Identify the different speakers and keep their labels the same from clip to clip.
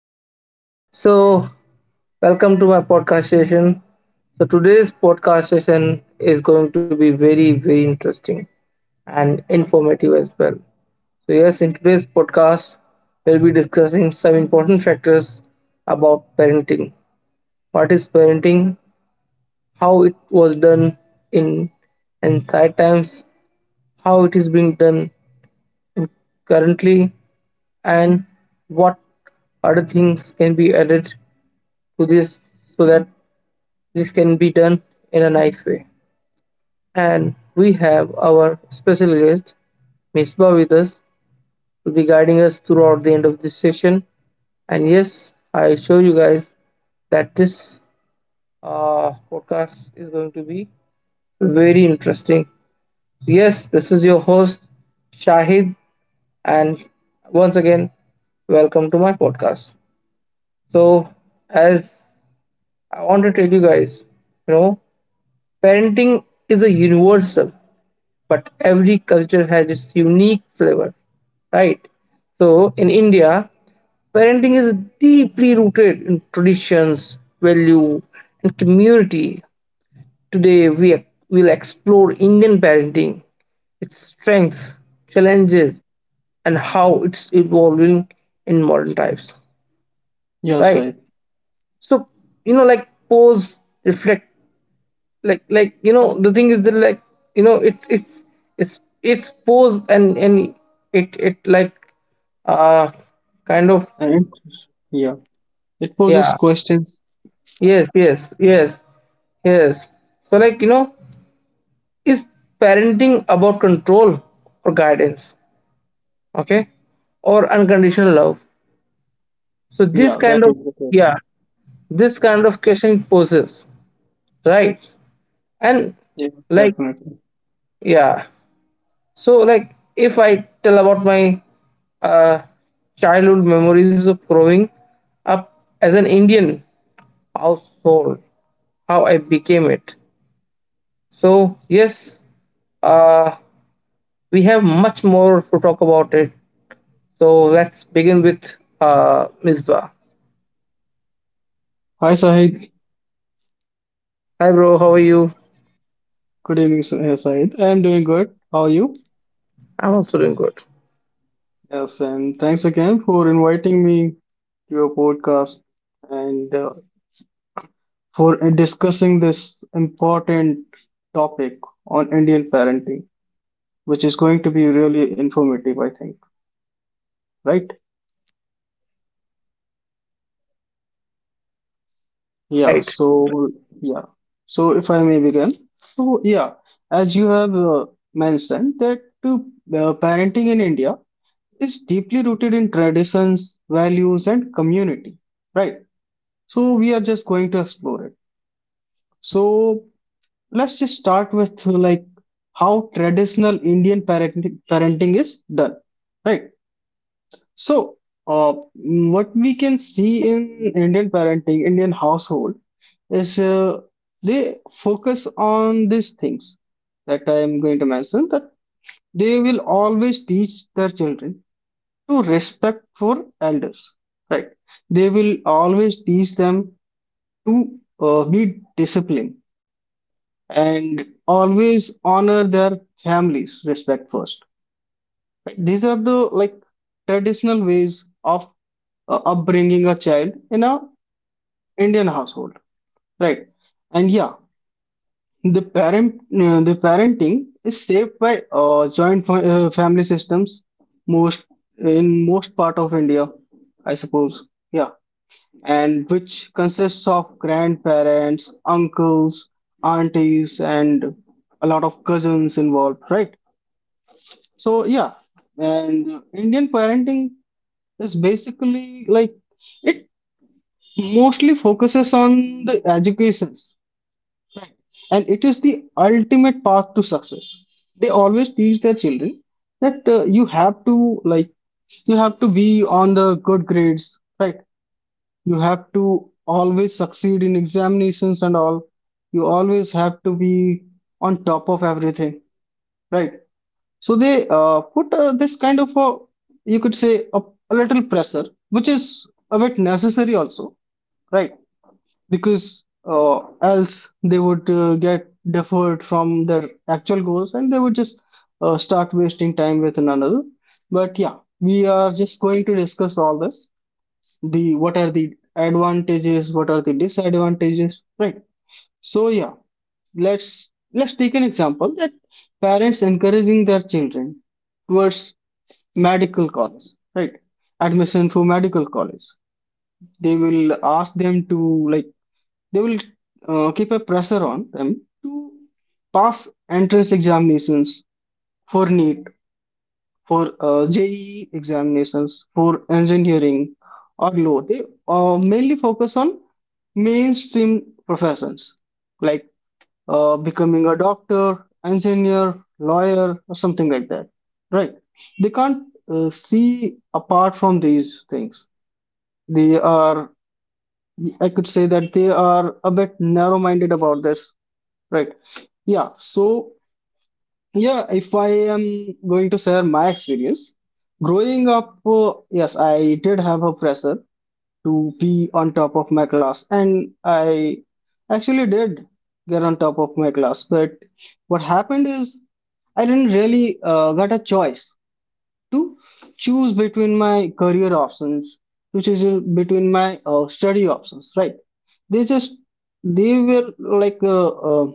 Speaker 1: listeners. So, welcome to my podcast session. So, today's podcast session is going to be very, very interesting and informative as well. So, yes, in today's podcast, we'll be discussing some important factors about parenting. What is parenting? How it was done in ancient times? How it is being done currently, and what other things can be added to this so that this can be done in a nice way. And we have our special guest, Misbah, with us, will be guiding us throughout the end of this session. And yes, I show you guys that this podcast is going to be very interesting. So, yes, this is your host, Shahid, and once again, welcome to my podcast. So, as I want to tell you guys, you know, parenting is a universal, but every culture has its unique flavor, right? So, in India, parenting is deeply rooted in traditions, value, and community. Today, we will explore Indian parenting, its strengths, challenges, and how it's evolving in modern times.
Speaker 2: Yeah,
Speaker 1: Right?
Speaker 2: Sahib.
Speaker 1: So, like pause, reflect, the thing is that, like, you know, it's it's it's pause and it like uh kind of.
Speaker 2: And yeah, it poses
Speaker 1: Yeah,
Speaker 2: questions.
Speaker 1: yes, yes, yes, yes. So like, is parenting about control or guidance? Okay, or unconditional love? So
Speaker 2: Yeah,
Speaker 1: this
Speaker 2: that
Speaker 1: kind
Speaker 2: is
Speaker 1: of...
Speaker 2: the question.
Speaker 1: Yeah, this kind of question it poses, right? And
Speaker 2: Yeah,
Speaker 1: like,
Speaker 2: definitely.
Speaker 1: yeah, so like if I tell about my uh, childhood memories of growing up as an Indian household, how I became it. So yes, uh, we have much more to talk about it. So let's begin with Mizbah.
Speaker 2: Hi, Sahib.
Speaker 1: Hi, bro, how are you?
Speaker 2: Good evening, Sahib. I am doing good. How are you?
Speaker 1: I'm also doing good.
Speaker 2: Yes, and thanks again for inviting me to your podcast and for discussing this important topic on Indian parenting, which is going to be really informative, I think. Right? Yeah,
Speaker 1: Right.
Speaker 2: so yeah, so if I may begin, so yeah, as you have mentioned that parenting in India is deeply rooted in traditions, values, and community, right? So we are just going to explore it. So let's just start with like how traditional Indian parenting is done, right? So, uh, what we can see in Indian parenting, Indian household, is they focus on these things that I am going to mention that they will always teach their children to respect for elders, right? They will always teach them to be disciplined and always honor their families' respect first. Right? These are the like traditional ways of upbringing a child in a Indian household, right? And yeah, the parenting is shaped by joint family systems most in most part of India, I suppose. Yeah, and which consists of grandparents, uncles, aunties, and a lot of cousins involved, right? So yeah, and Indian parenting is basically like it mostly focuses on the educations, and it is the ultimate path to success. They always teach their children that you have to like you have to be on the good grades, right? You have to always succeed in examinations and all. You always have to be on top of everything, right? So they put this kind of a. You could say a little pressure, which is a bit necessary also, right? Because else they would get deferred from their actual goals, and they would just start wasting time with one another. But yeah, we are just going to discuss all this. The what are the advantages, what are the disadvantages, right? So yeah, let's take an example that parents encouraging their children towards medical college, right? Admission for medical college. They will ask them to like they will keep a pressure on them to pass entrance examinations for NEET, for JEE examinations, for engineering or law. They mainly focus on mainstream professions like becoming a doctor, engineer, lawyer, or something like that. Right? They can't see apart from these things. They are, I could say that they are a bit narrow minded about this, right? Yeah, so yeah, if I am going to share my experience, growing up, yes, I did have a pressure to be on top of my class, and I actually did get on top of my class. But what happened is I didn't really get a choice to choose between my career options, to choose between my study options, right? They just they were like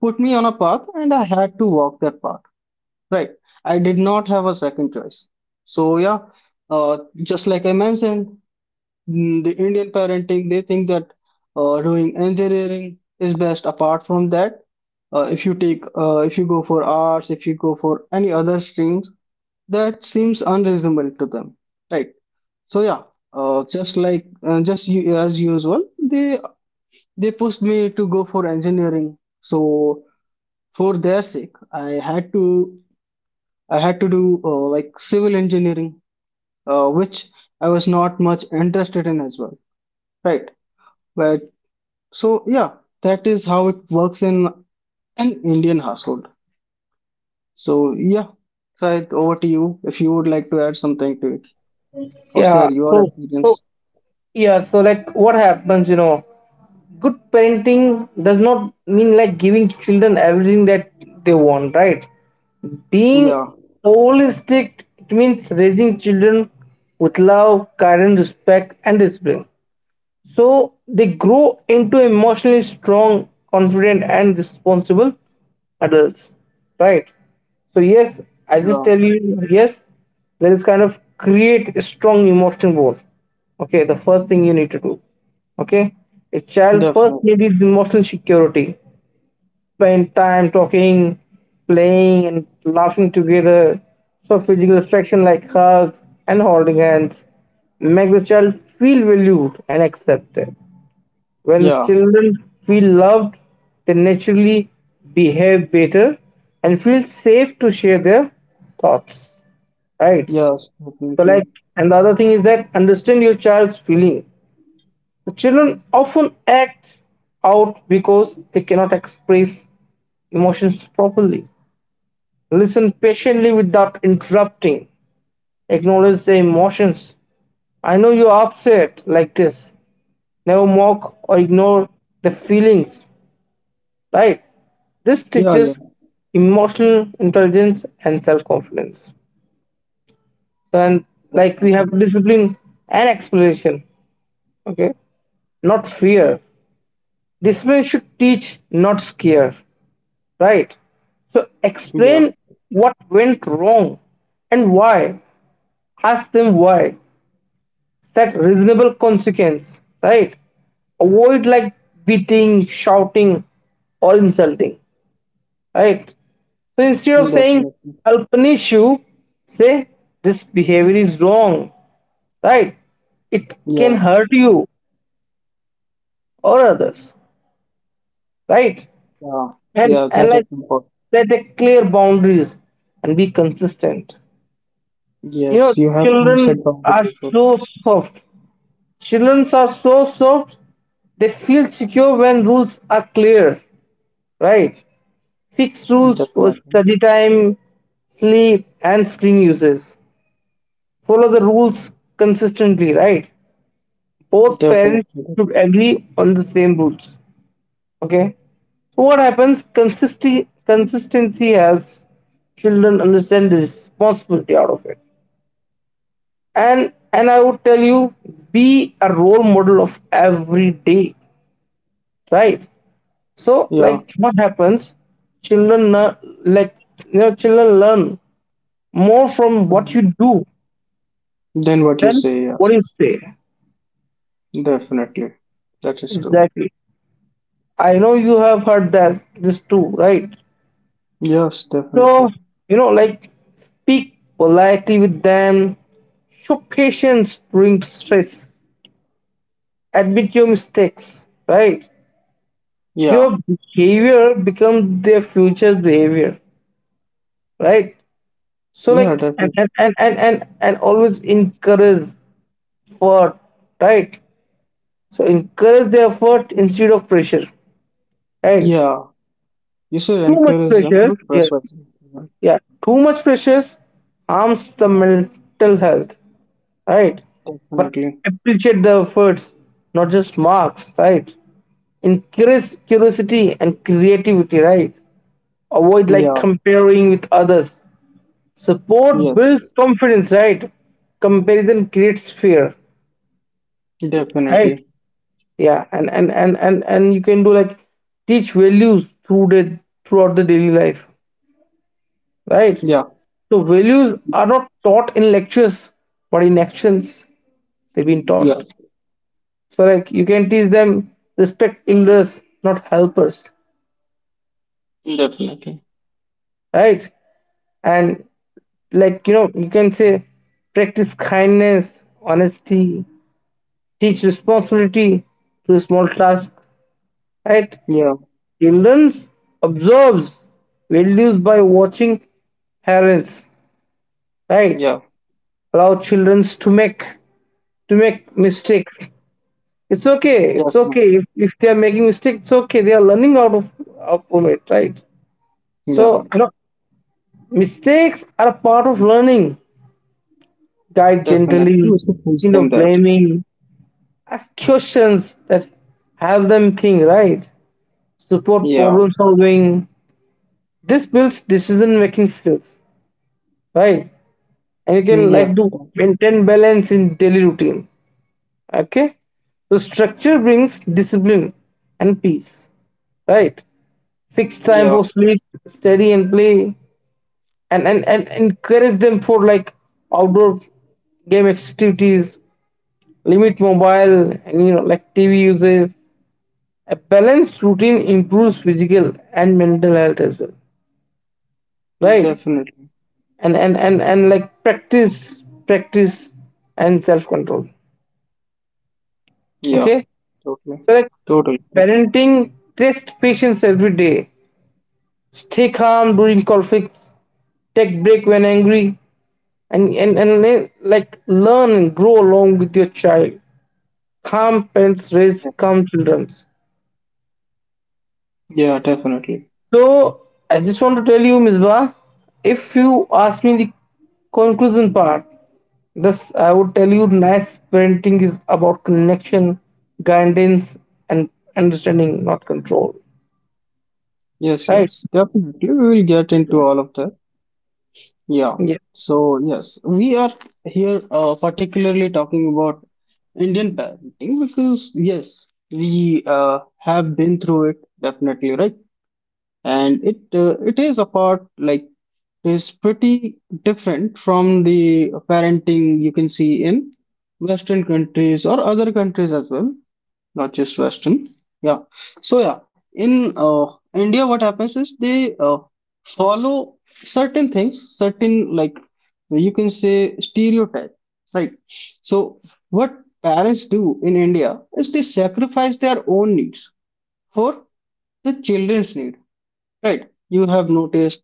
Speaker 2: put me on a path, and I had to walk that path. Right. I did not have a second choice. So yeah, uh, just like I mentioned, the Indian parenting, they think that doing engineering is best. Apart from that, uh, if you take, if you go for arts, if you go for any other streams, that seems unreasonable to them. Right. So yeah, just like just u- as usual, they pushed me to go for engineering. So for their sake, I had to do like civil engineering, which I was not much interested in as well, right? But so yeah, that is how it works in an Indian household. So yeah, Syed, over to you if you would like to add something to it or share
Speaker 1: Yeah.
Speaker 2: your
Speaker 1: So
Speaker 2: experience.
Speaker 1: yeah. So like, what happens? You know, good parenting does not mean like giving children everything that they want. Right. Being
Speaker 2: Yeah,
Speaker 1: holistic, it means raising children with love, guidance, respect, and discipline. So they grow into emotionally strong, confident, and responsible adults, right? So, yes, I just
Speaker 2: yeah,
Speaker 1: tell you, yes, there is kind of create a strong emotional bond. Okay, the first thing you need to do. Okay, a child first
Speaker 2: definitely.
Speaker 1: needs emotional security. Spend time talking, playing, and laughing together. So, physical affection like hugs and holding hands make the child feel valued and accepted. When the
Speaker 2: Yeah,
Speaker 1: children feel loved, they naturally behave better and feel safe to share their thoughts. Right?
Speaker 2: yes,
Speaker 1: So,
Speaker 2: definitely.
Speaker 1: like, and the other thing is that understand your child's feeling. The children often act out because they cannot express emotions properly. Listen patiently without interrupting. Acknowledge their emotions. I know you're upset, like this. Never mock or ignore the feelings, right? This
Speaker 2: Yeah, yeah,
Speaker 1: teaches emotional intelligence and self confidence. So, and like we
Speaker 2: definitely.
Speaker 1: have discipline and exploration, okay, not fear. Discipline should teach, not scare, right? So,
Speaker 2: Yeah,
Speaker 1: explain what went wrong and why. Ask them why. Set reasonable consequence, right? Avoid like beating, shouting, or insulting, right? So instead of saying
Speaker 2: definitely.
Speaker 1: I'll punish you, say this behavior is wrong, right? It can
Speaker 2: Yeah,
Speaker 1: hurt you or others, right?
Speaker 2: yeah,
Speaker 1: And
Speaker 2: yeah,
Speaker 1: and
Speaker 2: that is
Speaker 1: like,
Speaker 2: important.
Speaker 1: set a clear boundaries and be consistent. You know,
Speaker 2: Yes, you have to
Speaker 1: children
Speaker 2: set boundaries
Speaker 1: are
Speaker 2: with
Speaker 1: so soft. Children are so soft, they feel secure when rules are clear, right? Fix
Speaker 2: it.
Speaker 1: rules for
Speaker 2: Definitely,
Speaker 1: study time, sleep, and screen uses. Follow the rules consistently, right? Both parents
Speaker 2: definitely.
Speaker 1: should agree on the same rules. Okay. So what happens? Consistency helps children understand the responsibility out of it. And I would tell you, be a role model of every day. Right? So
Speaker 2: Yeah.
Speaker 1: like what happens? Children learn, like children learn more from what you do
Speaker 2: Then what you
Speaker 1: than
Speaker 2: say,
Speaker 1: what
Speaker 2: yes,
Speaker 1: you say.
Speaker 2: definitely. That is true.
Speaker 1: Exactly. I know you have heard that this too, right?
Speaker 2: Yes,
Speaker 1: So,
Speaker 2: definitely.
Speaker 1: like speak politely with them, show patience during stress, admit your mistakes, right?
Speaker 2: Yeah,
Speaker 1: Your behavior becomes their future behavior, right? So,
Speaker 2: yeah,
Speaker 1: like, and
Speaker 2: definitely.
Speaker 1: and and and and, and always encourage effort, right? So, encourage the effort instead of pressure, right?
Speaker 2: Yeah, you should
Speaker 1: Too much
Speaker 2: encourage them
Speaker 1: pressure,
Speaker 2: with
Speaker 1: yeah,
Speaker 2: persuasion. Yeah,
Speaker 1: yeah, too much pressures harms the mental health, right? But
Speaker 2: definitely.
Speaker 1: appreciate the efforts, not just marks, right? Increase curiosity and creativity, right? Avoid like
Speaker 2: Yeah,
Speaker 1: comparing with others. Support
Speaker 2: yes,
Speaker 1: builds confidence, right? Comparison creates fear, right?
Speaker 2: definitely.
Speaker 1: Yeah, and you can do like teach values throughout the daily life, right?
Speaker 2: Yeah,
Speaker 1: So values are not taught in lectures, but in actions. They've been
Speaker 2: yeah,
Speaker 1: taught. So like you can teach them respect elders, not helpers,
Speaker 2: definitely.
Speaker 1: right? And like, you can say practice kindness, honesty, teach responsibility to small tasks, right?
Speaker 2: Yeah,
Speaker 1: Children observes values by watching parents, right?
Speaker 2: yeah,
Speaker 1: Allow children to make mistakes. It's okay. It's
Speaker 2: definitely.
Speaker 1: okay if, they are making mistakes. It's okay. They are learning out from it, right?
Speaker 2: Yeah,
Speaker 1: So mistakes are a part of learning. Guide
Speaker 2: definitely.
Speaker 1: gently,
Speaker 2: We should teach
Speaker 1: instead
Speaker 2: them
Speaker 1: of
Speaker 2: that.
Speaker 1: blaming. Ask questions that help them think right. Support
Speaker 2: Yeah,
Speaker 1: problem solving. This builds decision making skills, right? And you
Speaker 2: mm,
Speaker 1: can
Speaker 2: yeah,
Speaker 1: like to maintain balance in daily routine. Okay, so structure brings discipline and peace, right? Fix time
Speaker 2: yeah,
Speaker 1: for sleep, study and play, and encourage them for like outdoor game activities, limit mobile and like TV uses. A balanced routine improves physical and mental health as well, right?
Speaker 2: definitely.
Speaker 1: And like practice, practice, and self control.
Speaker 2: Yeah,
Speaker 1: Okay,
Speaker 2: totally,
Speaker 1: so like
Speaker 2: totally. Totally.
Speaker 1: parenting, test patience every day. Stay calm during conflicts. Take break when angry, and like learn and grow along with your child. Calm parents
Speaker 2: Yeah,
Speaker 1: raise calm children.
Speaker 2: yeah, definitely.
Speaker 1: So I just want to tell you, Misbah, if you ask me the conclusion part, this I would tell you nice parenting is about connection, guidance, and understanding, not control.
Speaker 2: Yes,
Speaker 1: Right?
Speaker 2: yes, definitely. We will get into all of that. Yeah.
Speaker 1: Yeah.
Speaker 2: So, yes, we are here particularly talking about Indian parenting because, yes, we have been through it definitely, right? And it is apart like it is pretty different from the parenting you can see in Western countries or other countries as well, not just Western. Yeah. So yeah, in India, what happens is they follow certain things, certain like you can say stereotype, right? So what parents do in India is they sacrifice their own needs for the children's need, right? You have noticed,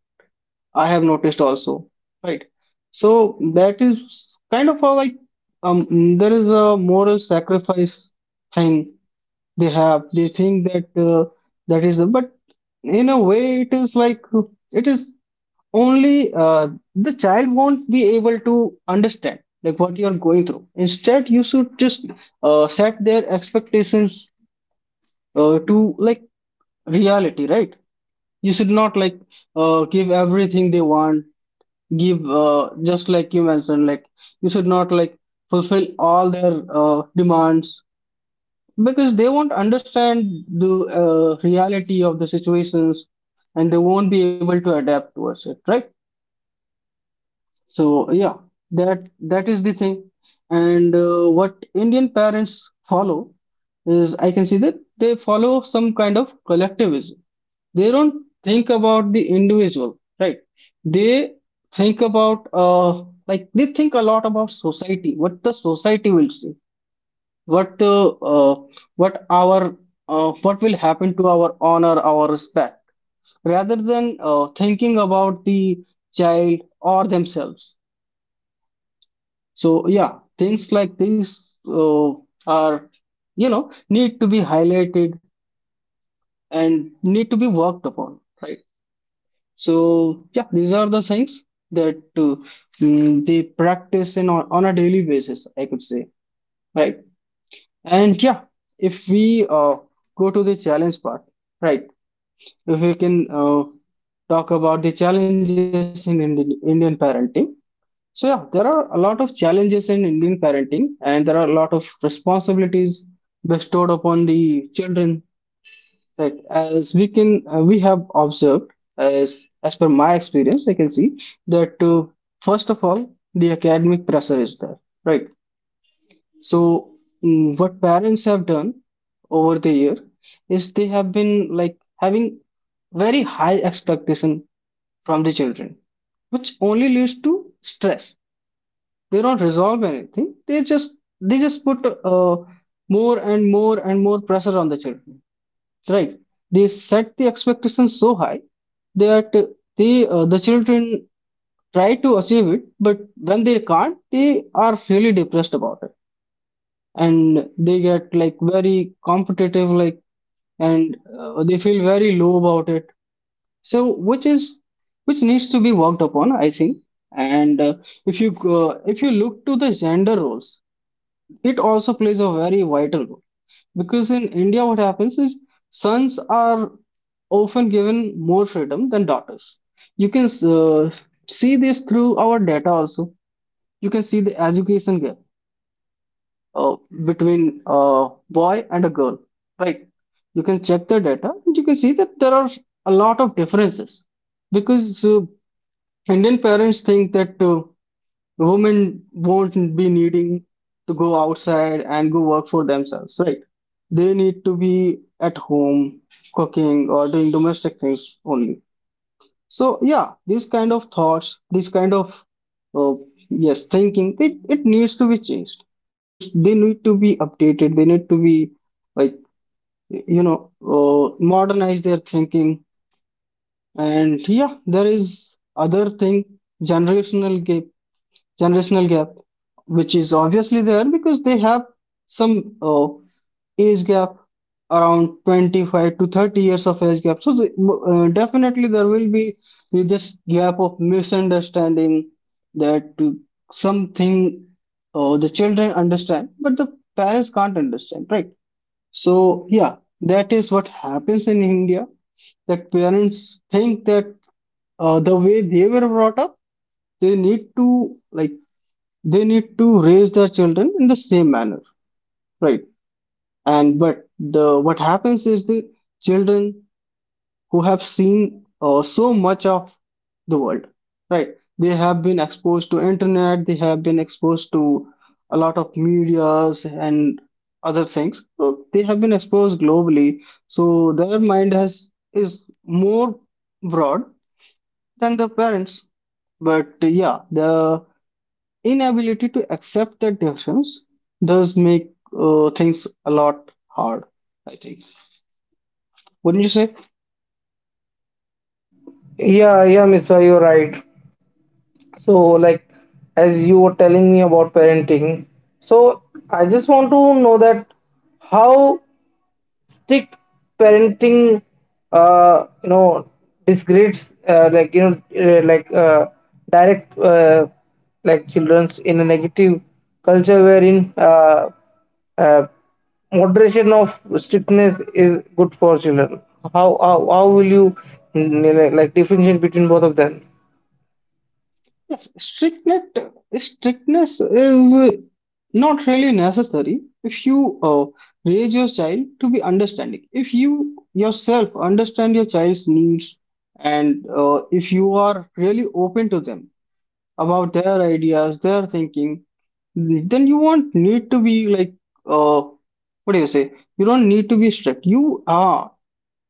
Speaker 2: I have noticed also, right? So that is kind of a like there is a moral sacrifice thing they think that that is, but in a way it is like it is only, the child won't be able to understand like what you are going through. Instead you should just set their expectations to like reality, right? You should not like give everything they want. Give just like you mentioned, like you should not like fulfill all their demands, because they won't understand the reality of the situations, and they won't be able to adapt towards it, right? So yeah, that is the thing. And what Indian parents follow is, I can see that they follow some kind of collectivism. They don't think about the individual, right? They think about like, they think a lot about society, what the society will say, what uh, uh, what our what will happen to our honor, our respect, rather than thinking about the child or themselves. So yeah, things like these are, you know, need to be highlighted and need to be worked upon, right? So yeah, these are the things that they practice on a daily basis, I could say, right? And yeah, if we go to the challenge part, right, if we can talk about the challenges in Indian parenting. So yeah, there are a lot of challenges in Indian parenting, and there are a lot of responsibilities bestowed upon the children. Right, as we can, we have observed, as per my experience, I can see that first of all, the academic pressure is there. Right. So what parents have done over the year is they have been like having very high expectation from the children, which only leads to stress. They don't resolve anything. They just they just put uh, more and more and more pressure on the children, right? They set the expectations so high that they the children try to achieve it, but when they can't, they are really depressed about it, and they get like very competitive like, and they feel very low about it. So which needs to be worked upon, I think. And if you look to the gender roles, it also plays a very vital role, because in India what happens is sons are often given more freedom than daughters. You can uh, see this through our data also. You can see the education gap uh, between a boy and a girl, right? You can check the data and you can see that there are a lot of differences, because Indian parents think that women won't be needing to go outside and go work for themselves, right? They need to be at home cooking or doing domestic things only. So yeah, these kind of thoughts, these kind of uh, yes thinking, it needs to be changed. Needs they need to be updated. They need to be like, you know, modernize their thinking. And yeah, there is other thing, generational gap generational gap, which is obviously there, because they have some age gap, around 25 to 30 years of age gap. So, the, definitely, there will be this gap of misunderstanding that something the children understand, but the parents can't understand, right? So, yeah, that is what happens in India that parents think that the way they were brought up, they need to like they need to raise their children in the same manner, right? And but the what happens is the children who have seen so much of the world, right? They have been exposed to internet, they have been exposed to a lot of medias and other things, so they have been exposed globally. So their mind has is more broad than the parents. But yeah, the inability to accept that difference does make things a lot hard, I think. Wouldn't you say?
Speaker 1: Yeah, yeah, Misbah, you're right. So like, as you were telling me about parenting, so I just want to know that how strict parenting uh, you know disgrades like, like direct like children's in a negative culture, wherein uh, moderation of strictness is good for children, how will you like differentiate between both of them?
Speaker 2: Yes, strictness is not really necessary if you raise your child to be understanding, if you yourself understand your child's needs, and if you are really open to them about their ideas, their thinking, then you won't need to be like, uh what do you say you don't need to be strict. You are,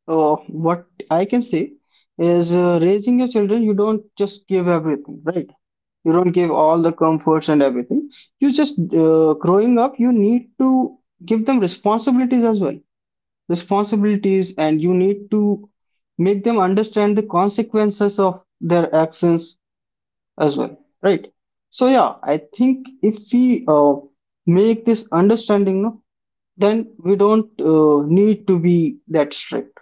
Speaker 2: what I can say is, raising your children, you don't just give everything, right? You don't give all the comforts and everything. You just, growing up, you need to give them responsibilities as well. Responsibilities, and you need to make them understand the consequences of their actions as well, right? So yeah, I think if we uh, make this understanding, no, then we don't need to be that strict.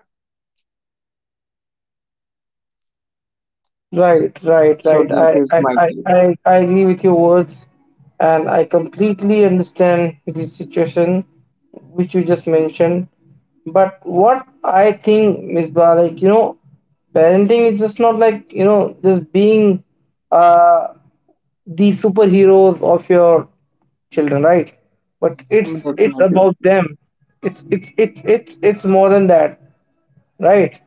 Speaker 1: Right, right,
Speaker 2: So
Speaker 1: right.
Speaker 2: that
Speaker 1: I,
Speaker 2: is
Speaker 1: I,
Speaker 2: my
Speaker 1: I,
Speaker 2: take.
Speaker 1: I I agree with your words, and I completely understand the situation which you just mentioned. But what I think, Miss Ba, like, parenting is just not like, just being uh, the superheroes of your children, right? But
Speaker 2: Mm,
Speaker 1: it's
Speaker 2: definitely.
Speaker 1: about them. It's more than that, right?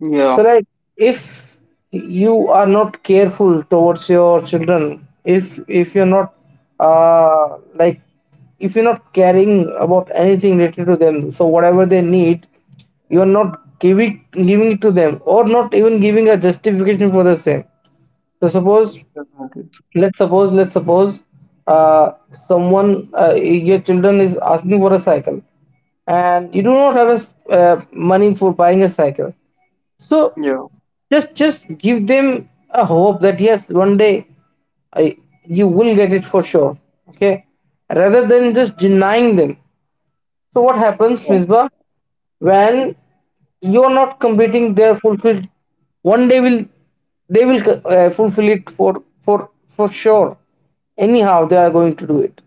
Speaker 2: Yeah,
Speaker 1: So, like, if you are not careful towards your children, if you're not like, if you're not caring about anything related to them, so whatever they need, you're not giving it to them, or not even giving a justification for the same. So suppose,
Speaker 2: definitely.
Speaker 1: let's suppose someone, your children is asking for a cycle and you do not have a money for buying a cycle, so
Speaker 2: Yeah,
Speaker 1: just give them a hope that yes, one day, I, you will get it for sure, okay, rather than just denying them. So what happens,
Speaker 2: yeah.
Speaker 1: Misbah, when you are not completing their fulfilled? One day, will they will fulfill it for sure. Anyhow, they are going to do it.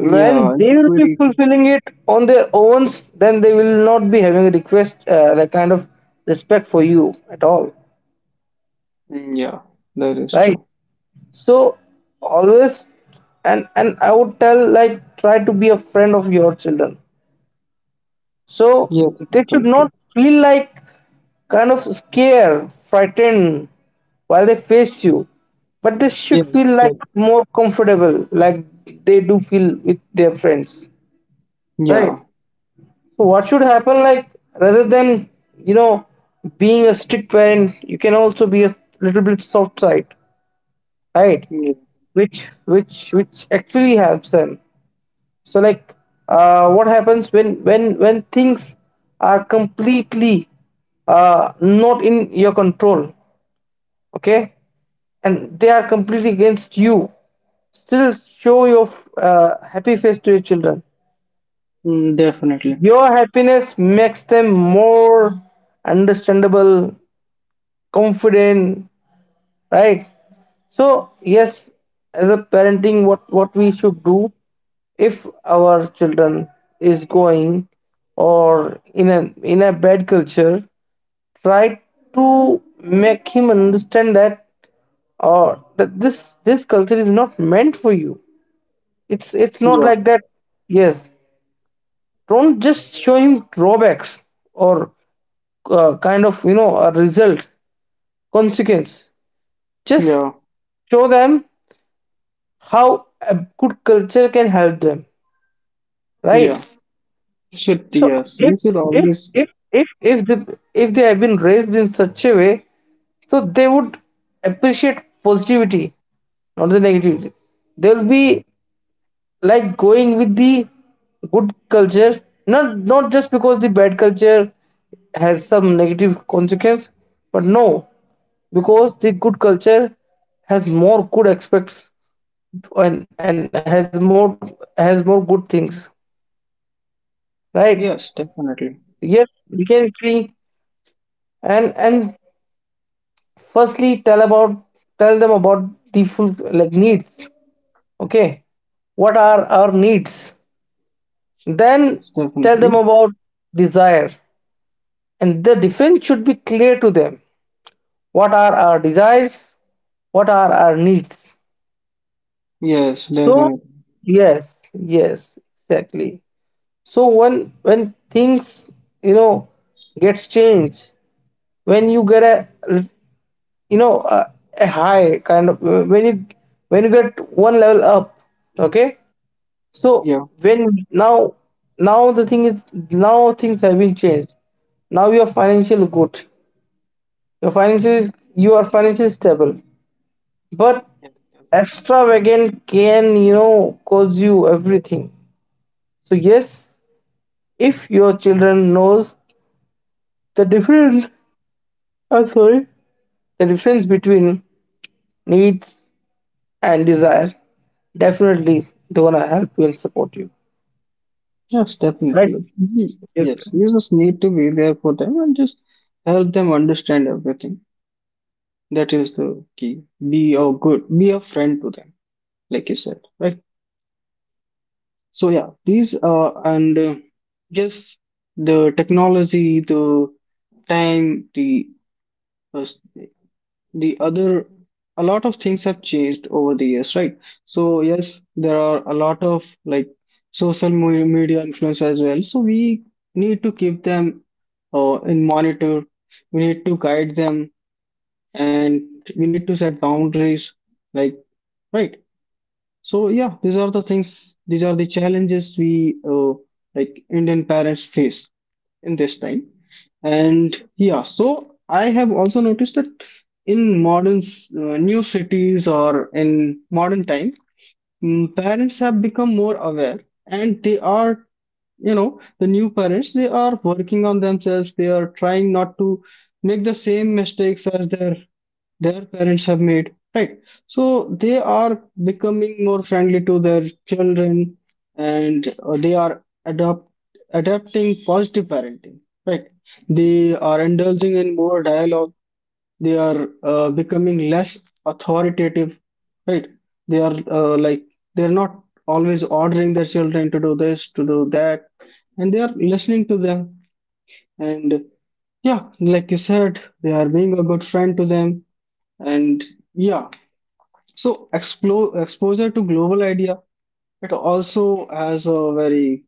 Speaker 2: Yeah, and
Speaker 1: they
Speaker 2: we
Speaker 1: will be
Speaker 2: really,
Speaker 1: fulfilling it on their own, then they will not be having a request, like kind of respect for you at all,
Speaker 2: mm, yeah, that is
Speaker 1: right?
Speaker 2: true.
Speaker 1: So always, and I would tell, like try to be a friend of your children. So
Speaker 2: Yes,
Speaker 1: they should
Speaker 2: definitely.
Speaker 1: not feel like kind of scared, frightened while they face you, but they should
Speaker 2: Yes,
Speaker 1: feel like
Speaker 2: that.
Speaker 1: more comfortable, like they do feel with their friends, right?
Speaker 2: Yeah.
Speaker 1: So what should happen, like rather than you know being a strict parent, you can also be a little bit soft side, right?
Speaker 2: Yeah.
Speaker 1: Which actually helps them, so like what happens when when things are completely not in your control, okay, and they are completely against you, still show your happy face to your children.
Speaker 2: Mm, definitely.
Speaker 1: Your happiness makes them more understandable, confident, right? So yes, as a parenting, what we should do if our children is going or in a bad culture, try to make him understand that, or that this, culture is not meant for you, it's not
Speaker 2: Yeah.
Speaker 1: like that. Yes, don't just show him drawbacks, or kind of a result consequence, just
Speaker 2: Yeah.
Speaker 1: show them how a good culture can help them,
Speaker 2: Yeah,
Speaker 1: right?
Speaker 2: you should,
Speaker 1: So
Speaker 2: yes, you
Speaker 1: if
Speaker 2: should
Speaker 1: if
Speaker 2: always.
Speaker 1: if if if they if they have been raised in such a way, so they would appreciate positivity, not the negativity. They'll be like going with the good culture, not not just because the bad culture has some negative consequence, but no, because the good culture has more good aspects, and has more good things, right?
Speaker 2: Yes,
Speaker 1: Yes,
Speaker 2: definitely.
Speaker 1: we can agree. And firstly, tell them about the full like needs, okay, what are our needs, then
Speaker 2: Yes,
Speaker 1: tell
Speaker 2: definitely.
Speaker 1: them about desire. And the difference should be clear to them, what are our desires, what are our needs.
Speaker 2: Yes,
Speaker 1: So
Speaker 2: definitely.
Speaker 1: yes, yes, exactly. So when things, you know gets changed, when you get a, you know a, a, high kind of, when you get one level up, okay. So
Speaker 2: Yeah,
Speaker 1: when now, now the thing is, now things have been changed, now you are financially good, you are financially stable, but
Speaker 2: yeah, definitely.
Speaker 1: extravagant can cause you everything. So yes, if your children knows the difference. Oh, sorry. The difference between needs and desire. Definitely, they wanna help you and support you.
Speaker 2: Yes,
Speaker 1: Right?
Speaker 2: definitely. Mhm.
Speaker 1: Yes.
Speaker 2: Yes, you just need to be there for them and just help them understand everything. That is the key. Be a good, be a friend to them, like you said, right? So yeah, these and yes, the technology, the time, uh, the other, a lot of things have changed over the years, right? So yes, there are a lot of like social mo- media influence as well, so we need to keep them in monitor, we need to guide them, and we need to set boundaries, like, right? So yeah, these are the things, these are the challenges we like Indian parents face in this time. And yeah, so I have also noticed that in modern new cities or in modern time, mm, parents have become more aware, and they are, you know, the new parents, they are working on themselves, they are trying not to make the same mistakes as their parents have made, right? So they are becoming more friendly to their children, and they are adopt adapting positive parenting, right? They are indulging in more dialogue, they are becoming less authoritative, right? They are like they're not always ordering their children to do this, to do that, and they are listening to them. And yeah, like you said, they are being a good friend to them, and yeah, so exposure to global idea, it also has a very,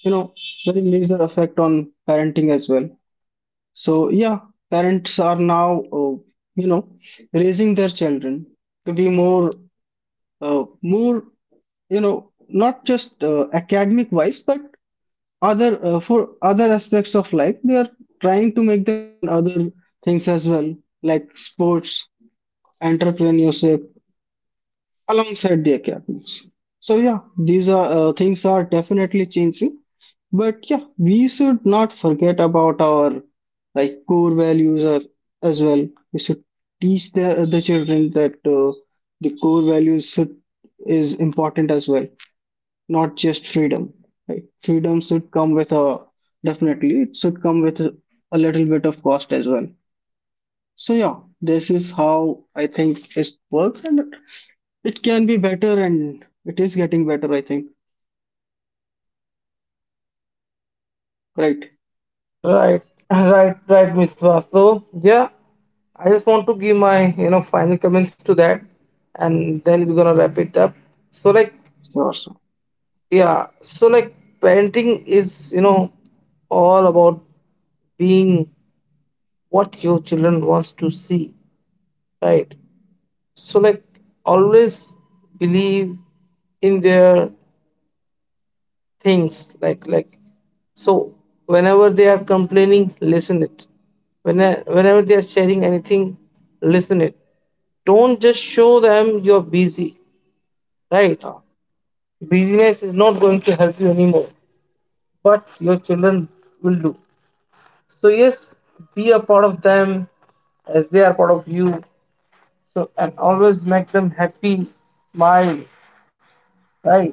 Speaker 2: you know, very major effect on parenting as well. So yeah, parents are now, you know, raising their children to be more, more, you know, not just academic wise, but other for other aspects of life. They are trying to make them learn other things as well, like sports, entrepreneurship alongside the academics. So yeah, these are things are definitely changing. But yeah, we should not forget about our like core values are, as well. We should teach the children that the core values should is important as well, not just freedom. Right? Freedom should come with a, definitely it should come with a little bit of cost as well. So yeah, this is how I think it works, and it can be better and it is getting better, I think. Right.
Speaker 1: Right, right, right, Miss Va. So yeah, I just want to give my final comments to that, and then we're gonna wrap it up. So like,
Speaker 2: Sure, sure.
Speaker 1: yeah, so like parenting is all about being what your children wants to see, right? So like, always believe in their things, like, so whenever they are complaining, listen it, whenever they are sharing anything, listen it, don't just show them you're busy, right?
Speaker 2: Yeah.
Speaker 1: Busyness is not going to help you anymore, but your children will do. So yes, be a part of them as they are part of you. So and always make them happy, smile, right?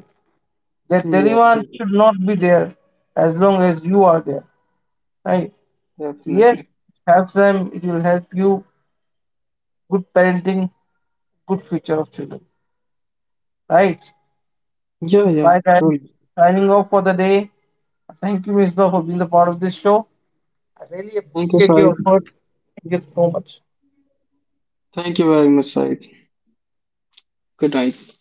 Speaker 1: That
Speaker 2: Yeah,
Speaker 1: anyone
Speaker 2: totally.
Speaker 1: should not be there as long as you are there, right? So yes,
Speaker 2: Definitely.
Speaker 1: have them, it will help you. Good parenting, good future of children, right?
Speaker 2: Yeah, yeah,
Speaker 1: Bye, guys,
Speaker 2: truly.
Speaker 1: signing off for the day. Thank you, Miss Law, for being the part of this show. I really
Speaker 2: Thank you,
Speaker 1: appreciate your
Speaker 2: Saib.
Speaker 1: effort. Thank you so much.
Speaker 2: Thank you very much, Saib. Good night.